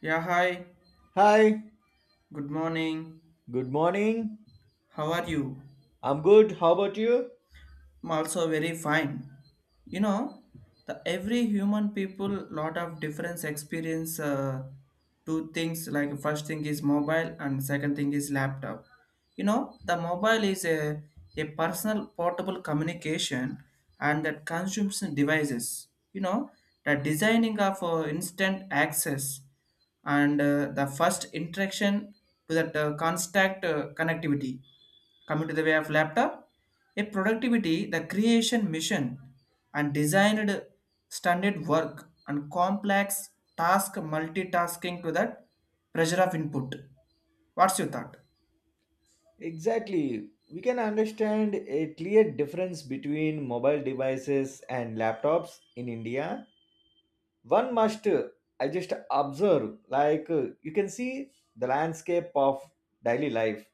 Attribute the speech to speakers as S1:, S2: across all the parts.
S1: Yeah, hi.
S2: Hi,
S1: Good morning.
S2: good morning.
S1: How are you?
S2: I'm good. How about you?
S1: I'm also very fine. You know, the every human people lot of different experience two things like first thing is mobile and second thing is laptop. You know, the mobile is a personal portable communication and that consumes devices, you know, the designing of instant access, and the first interaction to that contact, connectivity. Coming to the way of laptop, a productivity, the creation mission and designed standard work and complex task multitasking to that pressure of input. What's your thought?
S2: Exactly. We can understand a clear difference between mobile devices and laptops in India. One must, I just observe, like you can see the landscape of daily life.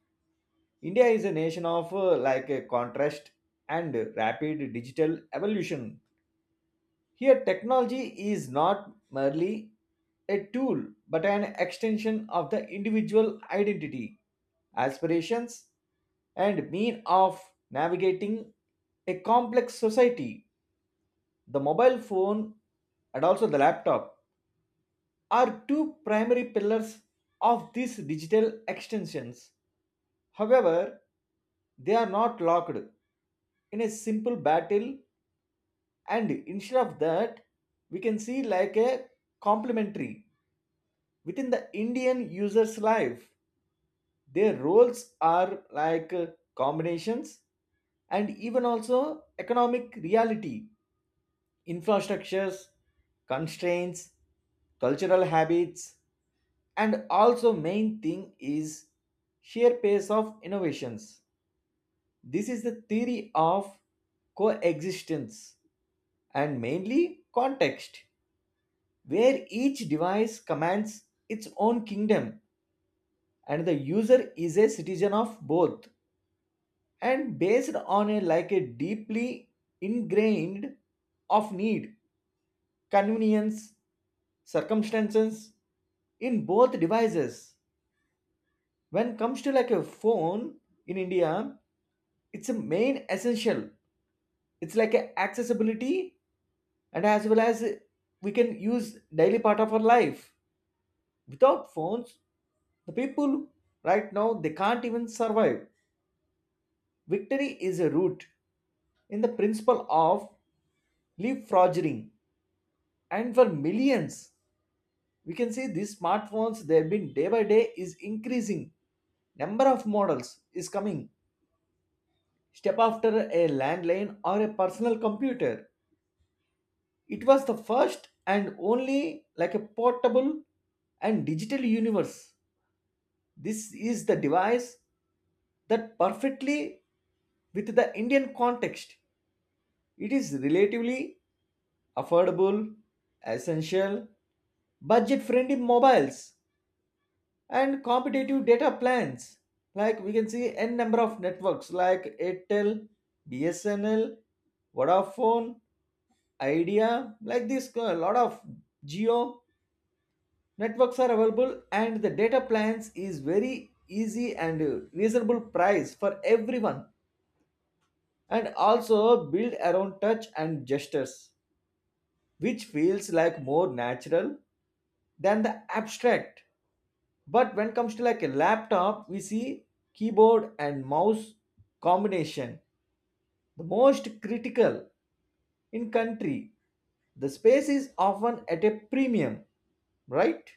S2: India is a nation of like a contrast and rapid digital evolution. Here, technology is not merely a tool but an extension of the individual identity, aspirations, and mean of navigating a complex society. The mobile phone and also the laptop are two primary pillars of these digital extensions. However, they are not locked in a simple battle, and instead of that, we can see like a complementary within the Indian user's life. Their roles are like combinations and even also economic reality, infrastructures, constraints, cultural habits, and also main thing is sheer pace of innovations. This is the theory of coexistence and mainly context, where each device commands its own kingdom and the user is a citizen of both. And based on a like a deeply ingrained of need convenience circumstances in both devices when comes to like a phone in India, it's a main essential. It's like a accessibility and as well as we can use daily part of our life without phones. The people right now they can't even survive. Victory is a root in the principle of leapfrogging, and for millions we can see these smartphones they have been day by day is increasing. Number of models is coming step after a landline or a personal computer. It was the first and only like a portable and digital universe. This is the device that perfectly with the Indian context. It is relatively affordable essential budget friendly mobiles and competitive data plans. Like we can see n number of networks like Airtel, BSNL, Vodafone, Idea, like this a lot of Geo networks are available and the data plans is very easy and reasonable price for everyone. And also build around touch and gestures which feels like more natural than the abstract. But when it comes to like a laptop we see keyboard and mouse combination the most critical in country. The space is often at a premium, right?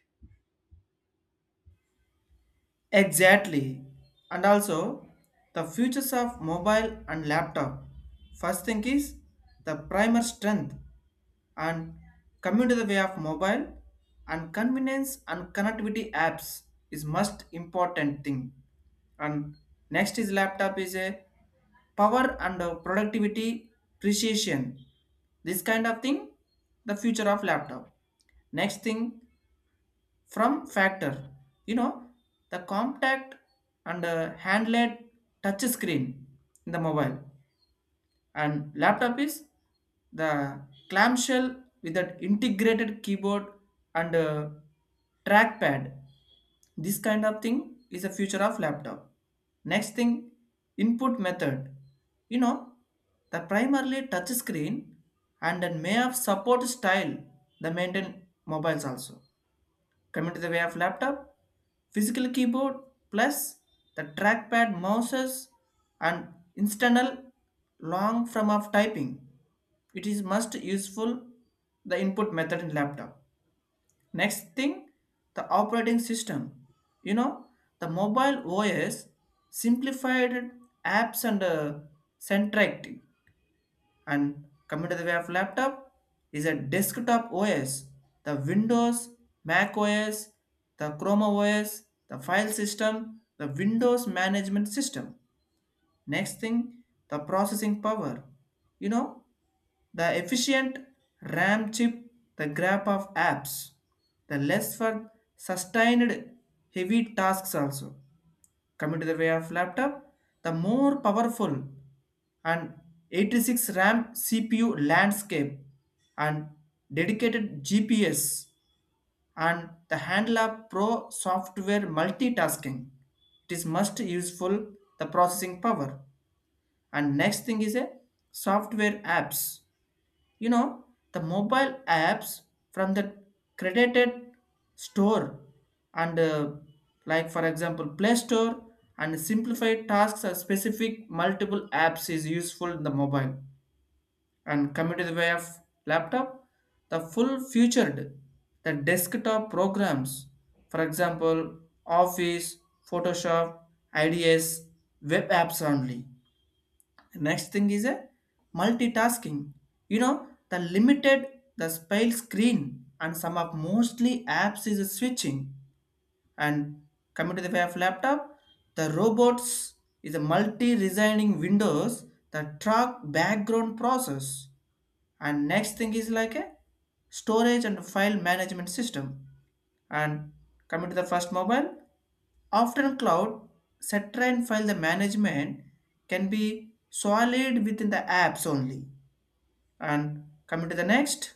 S1: Exactly. And also, the futures of mobile and laptop. First thing is the primer strength, and coming to the way of mobile, and convenience and connectivity apps is most important thing. And next is laptop is a power and productivity precision. This kind of thing, the future of laptop. Next thing, from factor, you know, the compact and handled touch screen in the mobile. And laptop is the clamshell with an integrated keyboard and trackpad. This kind of thing is a future of laptop. Next thing, input method. You know, the primarily touch screen, and then may have support style, the maintain mobiles also. Coming to the way of laptop, physical keyboard plus the trackpad mouses and external long form of typing. It is most useful, the input method in laptop. Next thing, the operating system. You know, the mobile OS simplified apps and centric. And coming to the way of laptop is a desktop OS, the Windows, Mac OS, the Chrome OS, the file system, the windows management system. Next thing, the processing power. You know, the efficient RAM chip, the grab of apps, the less for sustained heavy tasks also. Coming to the way of laptop, the more powerful and 86 RAM CPU landscape and dedicated GPS and the Handler Pro software multitasking. It is most useful, the processing power. And next thing is a software apps. You know, the mobile apps from the credited store, and like for example Play Store, and simplified tasks or specific multiple apps is useful in the mobile. And coming to the way of laptop, the full featured, the desktop programs, for example Office, Photoshop, ids, web apps only. Next thing is a multitasking. You know, the limited, the spell screen and some of mostly apps is a switching. And coming to the way of laptop, the robots is a multi-resigning windows that track background process. And next thing is like a storage and file management system. And coming to the first mobile, after cloud, Citrine file the management can be solid within the apps only. And coming to the next,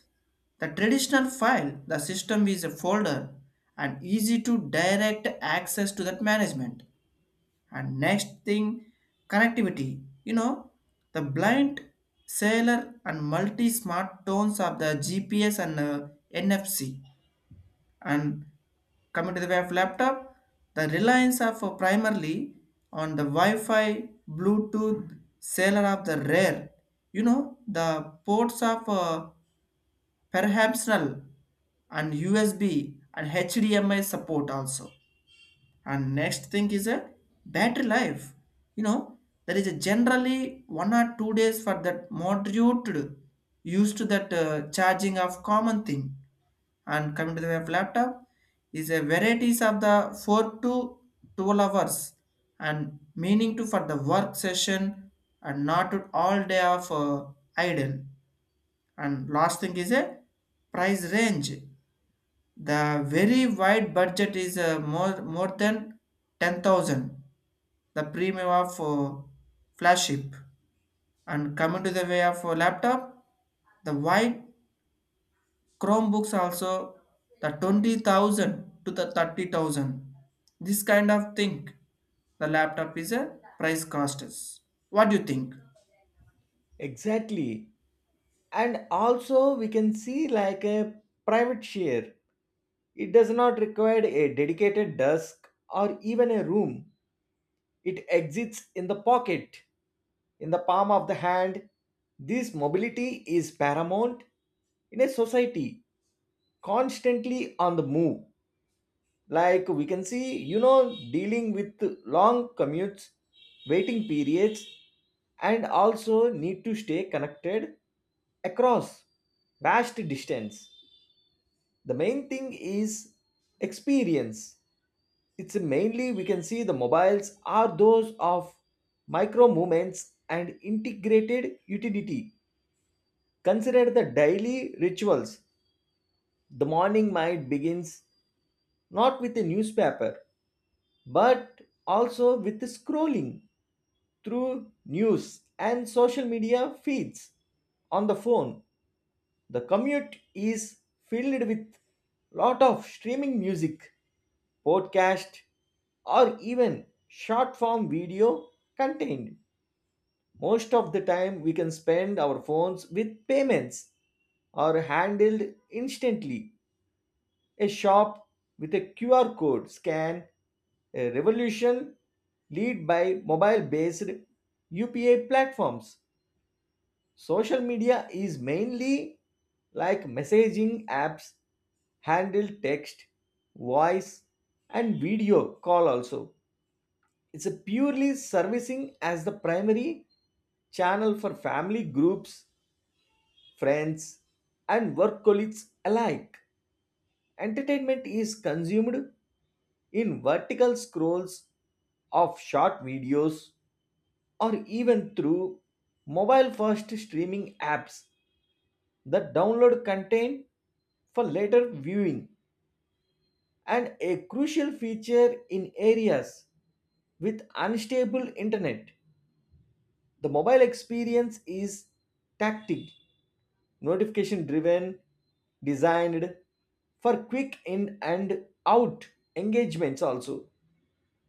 S1: the traditional file, the system is a folder and easy to direct access to that management. And next thing, connectivity. You know, the blind, cellular, and multi-smart tones of the GPS and NFC. And coming to the way of laptop, the reliance of primarily on the wi-fi, Bluetooth, seller of the rare. You know, the ports of perhaps null and USB and HDMI support also. And next thing is a battery life. You know, there is a generally 1 or 2 days for that moderate used to that charging of common thing. And coming to the way of laptop is a varieties of the 4 to 12 hours and meaning to for the work session and not to all day of idle. And last thing is a price range, the very wide budget is more than 10,000. The premium of flagship. And coming to the way of laptop, the wide Chromebooks also, the 20,000 to the 30,000. This kind of thing, the laptop is a price cost. Is. What do you think?
S2: Exactly. And also we can see like a private share. It does not require a dedicated desk or even a room. It exits in the pocket, in the palm of the hand. This mobility is paramount in a society constantly on the move. Like we can see, you know, dealing with long commutes, waiting periods, and also need to stay connected across vast distance. The main thing is experience. It's mainly we can see the mobiles are those of micro movements and integrated utility. Consider the daily rituals. The morning might begins not with a newspaper but also with scrolling through news and social media feeds on the phone. The commute is filled with lot of streaming music, podcast, or even short form video content. Most of the time we can spend our phones with payments are handled instantly. A shop with a QR code scan, a revolution lead by mobile based UPA platforms. Social media is mainly like messaging apps handle text, voice, and video call also. It's a purely servicing as the primary channel for family groups, friends, and work colleagues alike. Entertainment is consumed in vertical scrolls of short videos or even through mobile first streaming apps that download content for later viewing, and a crucial feature in areas with unstable internet. The mobile experience is tactic notification driven designed for quick in and out engagements also.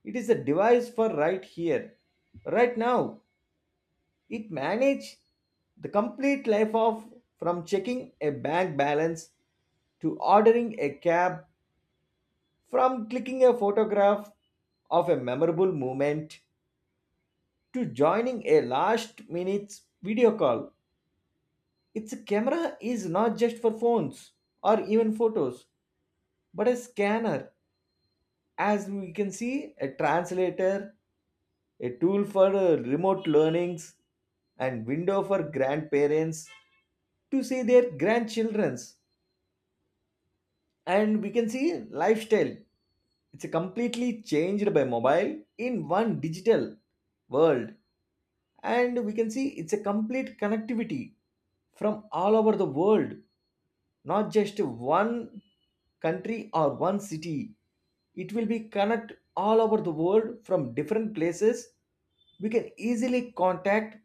S2: It is a device for right here, right now. It manages the complete life of from checking a bank balance to ordering a cab, from clicking a photograph of a memorable moment to joining a last minute video call. Its camera is not just for phones or even photos, but a scanner, as we can see, a translator, a tool for remote learnings and window for grandparents to see their grandchildren's. And we can see lifestyle. It's completely changed by mobile in one digital world, and we can see it's a complete connectivity from all over the world, not just one country or one city. It will be connect all over the world from different places. We can easily contact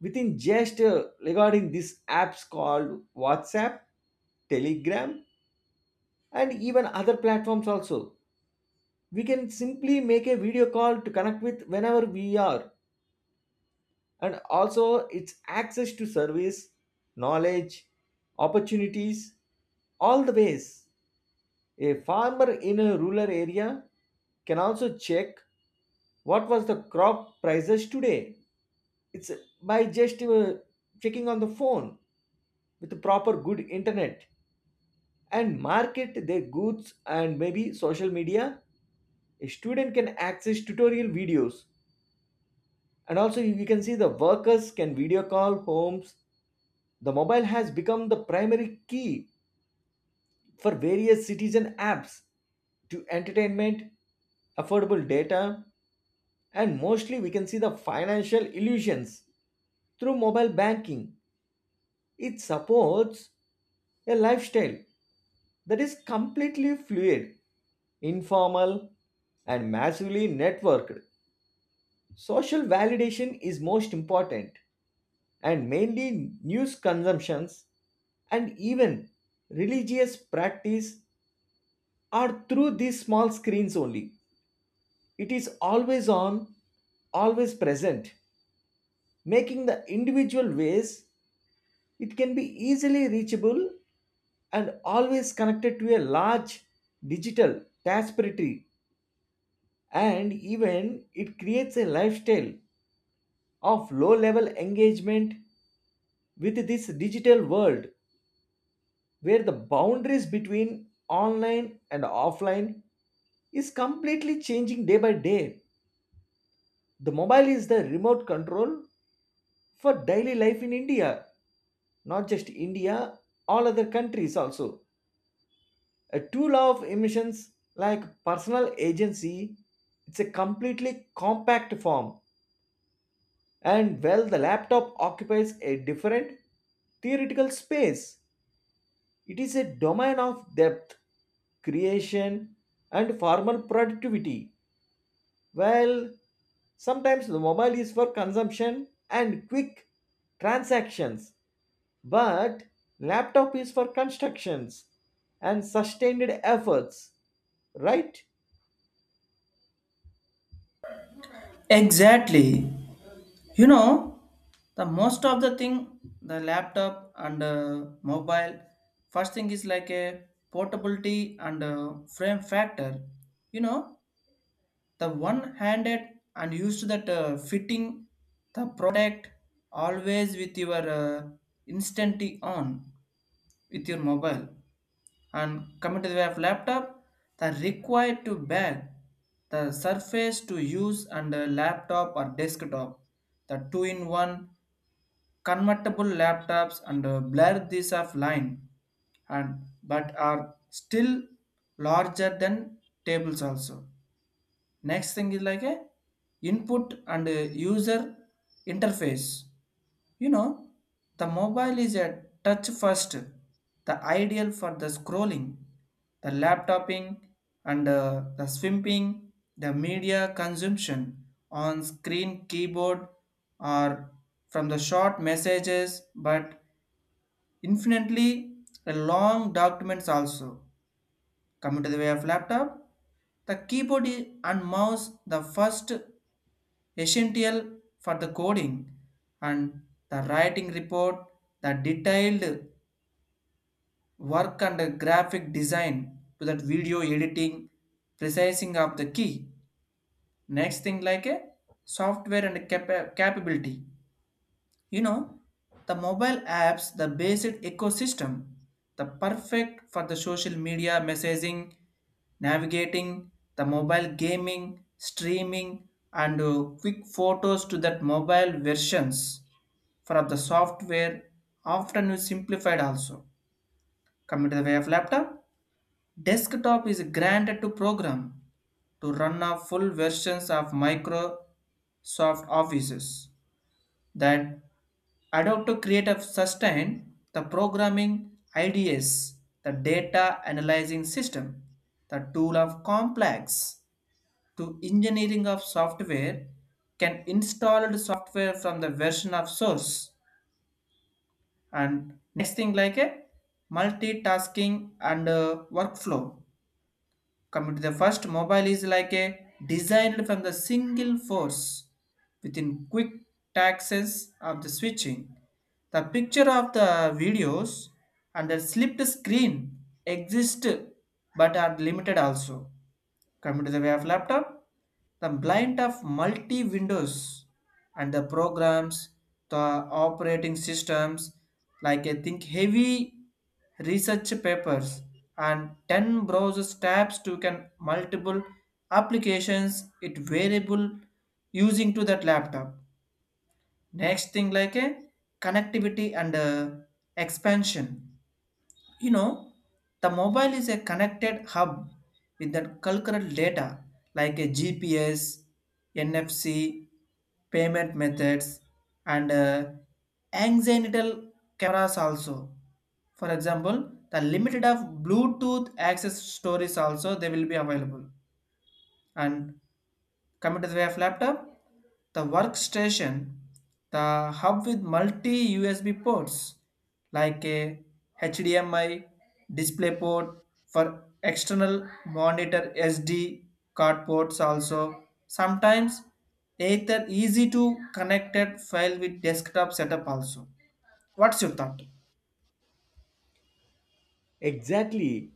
S2: within just regarding these apps called WhatsApp, Telegram, and even other platforms also. We can simply make a video call to connect with whenever we are, and also it's access to service, knowledge, opportunities, all the ways. A farmer in a rural area can also check what was the crop prices today. It's by just checking on the phone with the proper good internet and market their goods and maybe social media. A student can access tutorial videos, and also we can see the workers can video call homes. The mobile has become the primary key for various citizen apps to entertainment affordable data, and mostly we can see the financial illusions through mobile banking. It supports a lifestyle that is completely fluid informal, and massively networked. Social validation is most important, and mainly news consumptions and even religious practice are through these small screens only. It is always on, always present, making the individual ways it can be easily reachable and always connected to a large digital tapestry, and even it creates a lifestyle of low level engagement with this digital world where the boundaries between online and offline is completely changing day by day. The mobile is the remote control for daily life in India, not just India, all other countries also. A tool of emissions like personal agency, it's a completely compact form. And well, the laptop occupies a different theoretical space. It is a domain of depth, creation, and formal productivity. While sometimes the mobile is for consumption and quick transactions, but laptop is for constructions and sustained efforts, right?
S1: Exactly. You know, the most of the thing, the laptop and mobile. First thing is like a portability and frame factor. You know, the one-handed and used that fitting the product, always with your instantly on with your mobile. And coming to the way of laptop, the required to bag, the surface to use, and a laptop or desktop, the two-in-one convertible laptops, and blur these of line, and but are still larger than tables also. Next thing is like a input and a user interface. You know, the mobile is a touch first, the ideal for the scrolling, the laptoping, and the swimping, the media consumption on screen, keyboard, or from the short messages, but infinitely long documents also. Coming to the way of laptop, the keyboard and mouse, the first essential for the coding and the writing report, the detailed work and the graphic design to that video editing, precising of the key. Next thing like a software and capability. You know, the mobile apps, the basic ecosystem, the perfect for the social media messaging, navigating, the mobile gaming, streaming, and quick photos to that mobile versions for the software often is simplified also. Coming to the way of laptop, desktop is granted to program to run a full versions of Microsoft Offices that adopt to create a sustain the programming ideas, the data analyzing system, the tool of complex to engineering of software, can install the software from the version of source. And next thing like a multitasking and workflow. Coming to the first, mobile is like a designed from the single force within quick access of the switching. The picture of the videos and the slipped screen exist but are limited also. Coming to the way of laptop, the blind of multi windows and the programs, the operating systems, like I think heavy research papers and 10 browser tabs to can multiple applications it variable using to that laptop. Next thing like a connectivity and expansion. You know, the mobile is a connected hub with the cultural data like a GPS, NFC, payment methods, and anxiety cameras also. For example, the limited of Bluetooth access stories also they will be available. And coming to the way of laptop, the workstation, the hub with multi USB ports like a HDMI display port for external monitor, SD card ports also. Sometimes either easy to connected file with desktop setup also. What's your thought?
S2: Exactly.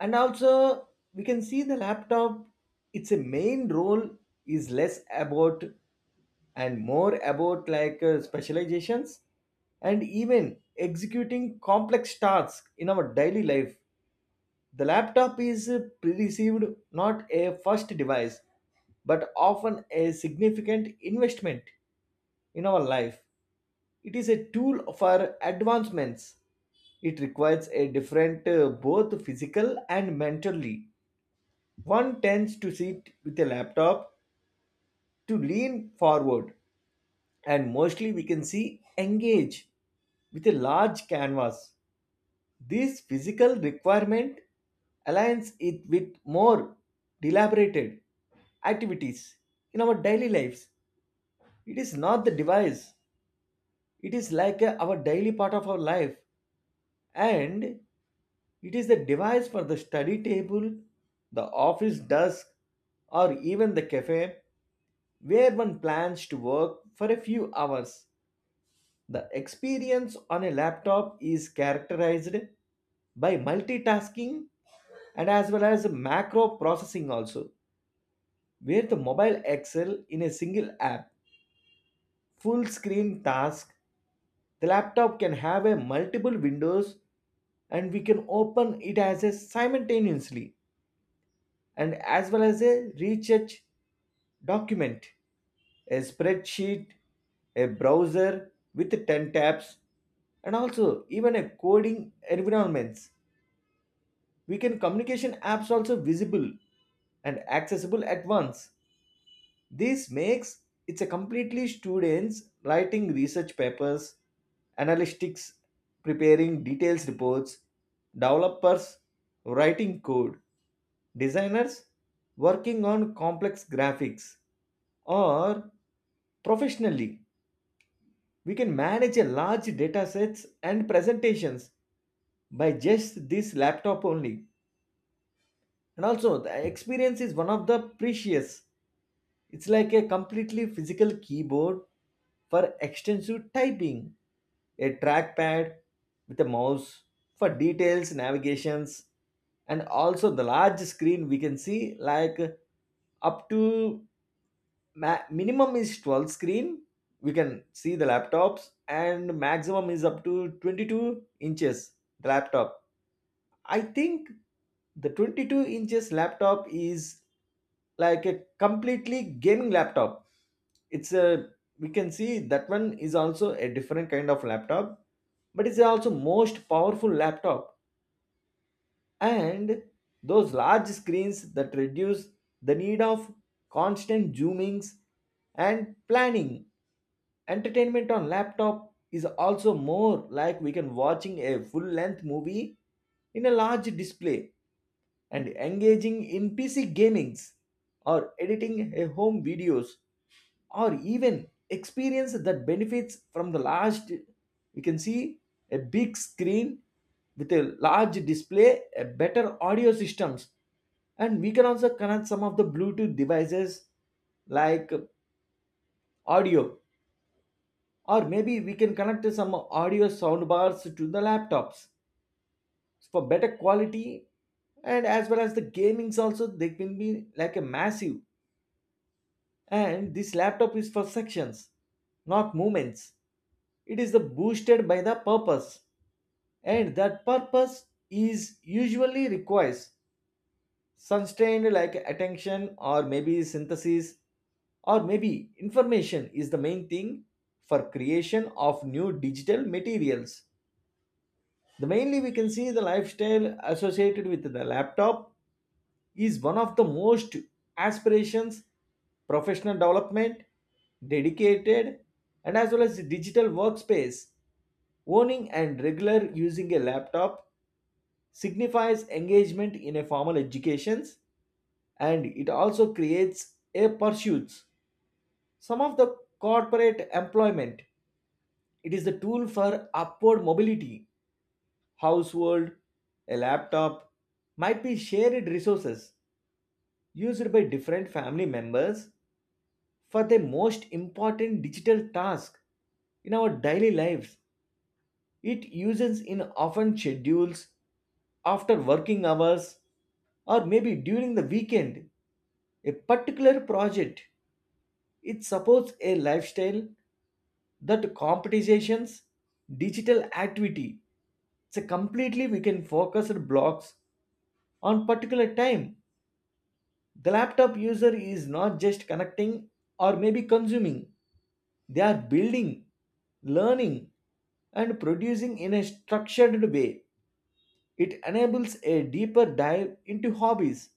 S2: And also, we can see the laptop, its a main role is less about and more about like specializations and even executing complex tasks in our daily life. The laptop is perceived not a first device but often a significant investment in our life. It is a tool for advancements. It requires a different both physical and mentally. One tends to sit with a laptop to lean forward and mostly we can see engage with a large canvas. This physical requirement aligns it with more deliberated activities in our daily lives. It is not the device, it is our daily part of our life, and it is the device for the study table, the office desk, or even the cafe where one plans to work for a few hours. The experience on a laptop is characterized by multitasking and as well as macro processing also, where the mobile excel in a single app full screen task. The laptop can have a multiple windows and we can open it as a simultaneously, and as well as a research document, a spreadsheet, a browser with 10 tabs, and also even a coding environments. We can communication apps also visible and accessible at once. This makes it's a completely students writing research papers, analytics preparing details reports, developers writing code, designers working on complex graphics or professionally we can manage a large data sets and presentations by just this laptop only. And also, the experience is one of the precious. It's like a completely physical keyboard for extensive typing, a trackpad with a mouse for details, navigations, and also the large screen we can see like up to minimum is 12 screen we can see the laptops and maximum is up to 22 inches the laptop. I think the 22 inches laptop is like a completely gaming laptop. It's a we can see that one is also a different kind of laptop, but it's also most powerful laptop. And those large screens that reduce the need of constant zoomings and planning. Entertainment on laptop is also more like we can watching a full length movie in a large display and engaging in PC gamings or editing a home videos or even experience that benefits from the large. You can see a big screen with a large display, a better audio systems, and we can also connect some of the bluetooth devices like audio, or maybe we can connect some audio sound bars to the laptops, so for better quality, and as well as the gamings also they can be like a massive. And this laptop is for sections, not movements. It is the boosted by the purpose, and that purpose is usually requires sustained like attention or maybe synthesis or maybe information is the main thing for creation of new digital materials. The mainly we can see the lifestyle associated with the laptop is one of the most aspirations, professional development, dedicated, and as well as digital workspace. Owning and regular using a laptop signifies engagement in a formal education, and it also creates a pursuits some of the corporate employment. It is the tool for upward mobility. Household, a laptop might be shared resources used by different family members for the most important digital task in our daily lives. It uses in often schedules after working hours or maybe during the weekend. A particular project. It supports a lifestyle that competitions, digital activity. It's a completely we can focus our blocks on particular time. The laptop user is not just connecting or maybe consuming. They are building, learning, and producing in a structured way. It enables a deeper dive into hobbies.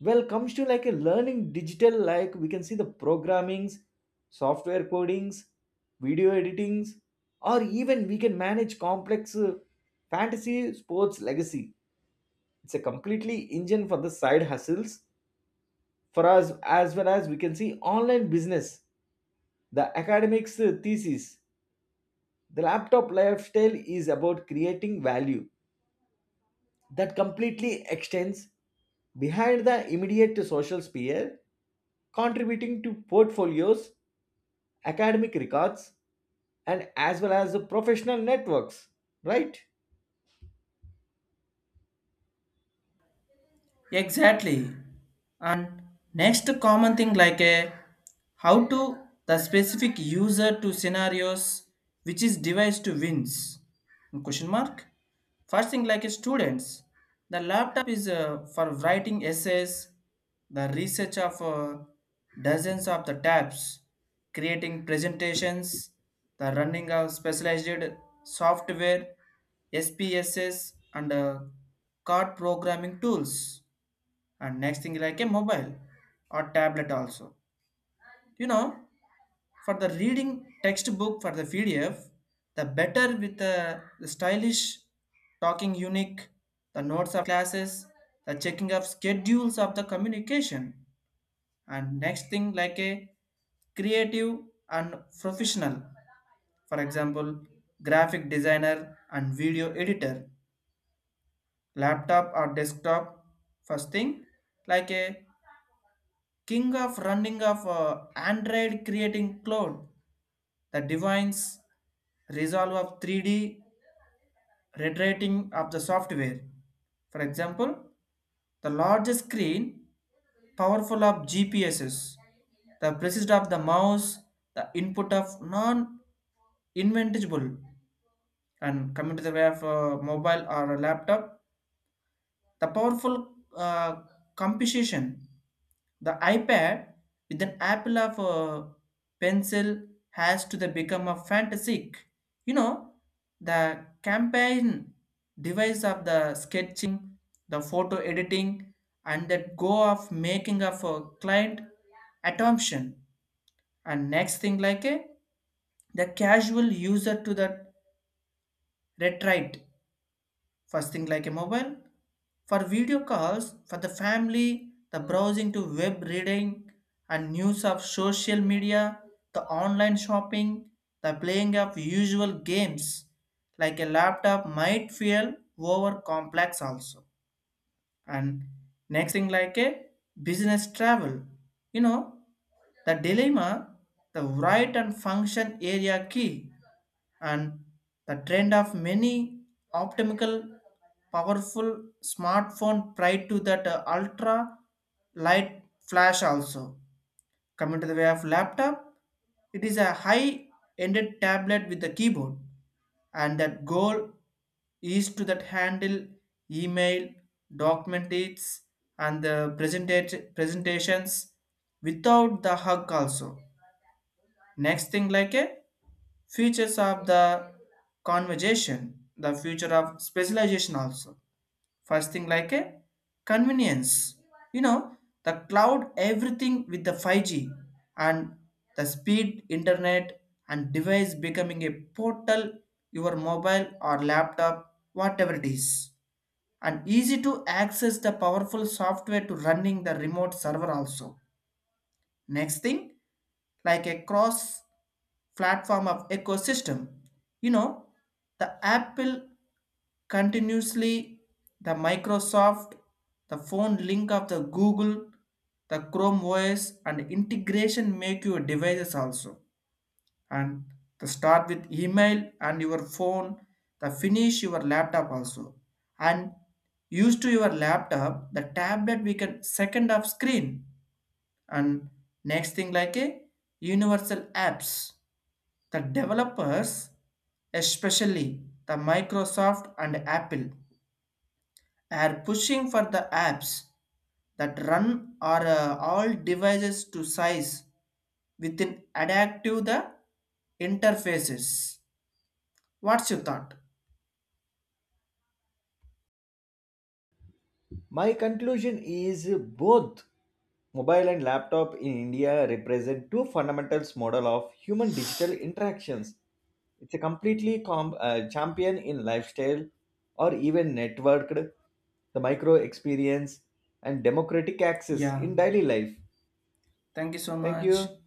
S2: Well, comes to like a learning digital, like we can see the programmings, software codings, video editings, or even we can manage complex fantasy sports legacy. It's a completely engine for the side hustles for us, as well as we can see online business, the academics thesis. The laptop lifestyle is about creating value that completely extends behind the immediate social sphere, contributing to portfolios, academic records, and as well as the professional networks, right?
S1: Exactly. And next common thing like a how to the specific user to scenarios which is device to wins, question mark. First thing like a students, the laptop is for writing essays, the research of dozens of the tabs, creating presentations, the running of specialized software, SPSS, and card programming tools. And next thing like a mobile or tablet also. You know, for the reading textbook, for the PDF, the better with the stylish talking unique, the notes of classes, the checking of schedules of the communication. And next thing like a creative and professional, for example graphic designer and video editor, laptop or desktop. First thing like a king of running of Android creating cloud, the divine's resolve of 3D reiterating of the software. For example, the larger screen, powerful of GPSs, the precision of the mouse, the input of non-inventable. And coming to the way of mobile or a laptop, the powerful composition, the iPad with an apple of a pencil has to the become a fantastic. You know, the campaign device of the sketching, the photo editing, and that go of making of a client attention. And next thing like a the casual user to the retrite. First thing like a mobile, for video calls, for the family, the browsing to web reading and news of social media, the online shopping, the playing of usual games, like a laptop might feel over complex also. And next thing like a business travel. You know, the dilemma, the right and function area key, and the trend of many optimal powerful smartphone prior to that ultra light flash also. Coming to the way of laptop, it is a high ended tablet with the keyboard, and that goal is to that handle email, documents, and the presentations without the hug also. Next thing like a features of the conversation, the future of specialization also. First thing like a convenience. You know, the cloud everything with the 5G and the speed internet, and device becoming a portal, your mobile or laptop whatever it is, and easy to access the powerful software to running the remote server also. Next thing, like a cross platform of ecosystem. You know, the Apple continuously, the Microsoft, the phone link of the Google, the Chrome OS, and integration make your devices also. And the start with email and your phone, the finish your laptop also. And used to your laptop, the tablet we can second of screen. And next thing like a universal apps, the developers, especially the Microsoft and Apple, are pushing for the apps that run or all devices to size within adaptive the interfaces. What's your thought?
S2: My conclusion is both mobile and laptop in India represent two fundamentals model of human digital interactions. It's a completely champion in lifestyle or even networked, the micro experience and democratic access
S1: Yeah,
S2: in daily life.
S1: thank you so
S2: Thank
S1: much.
S2: you.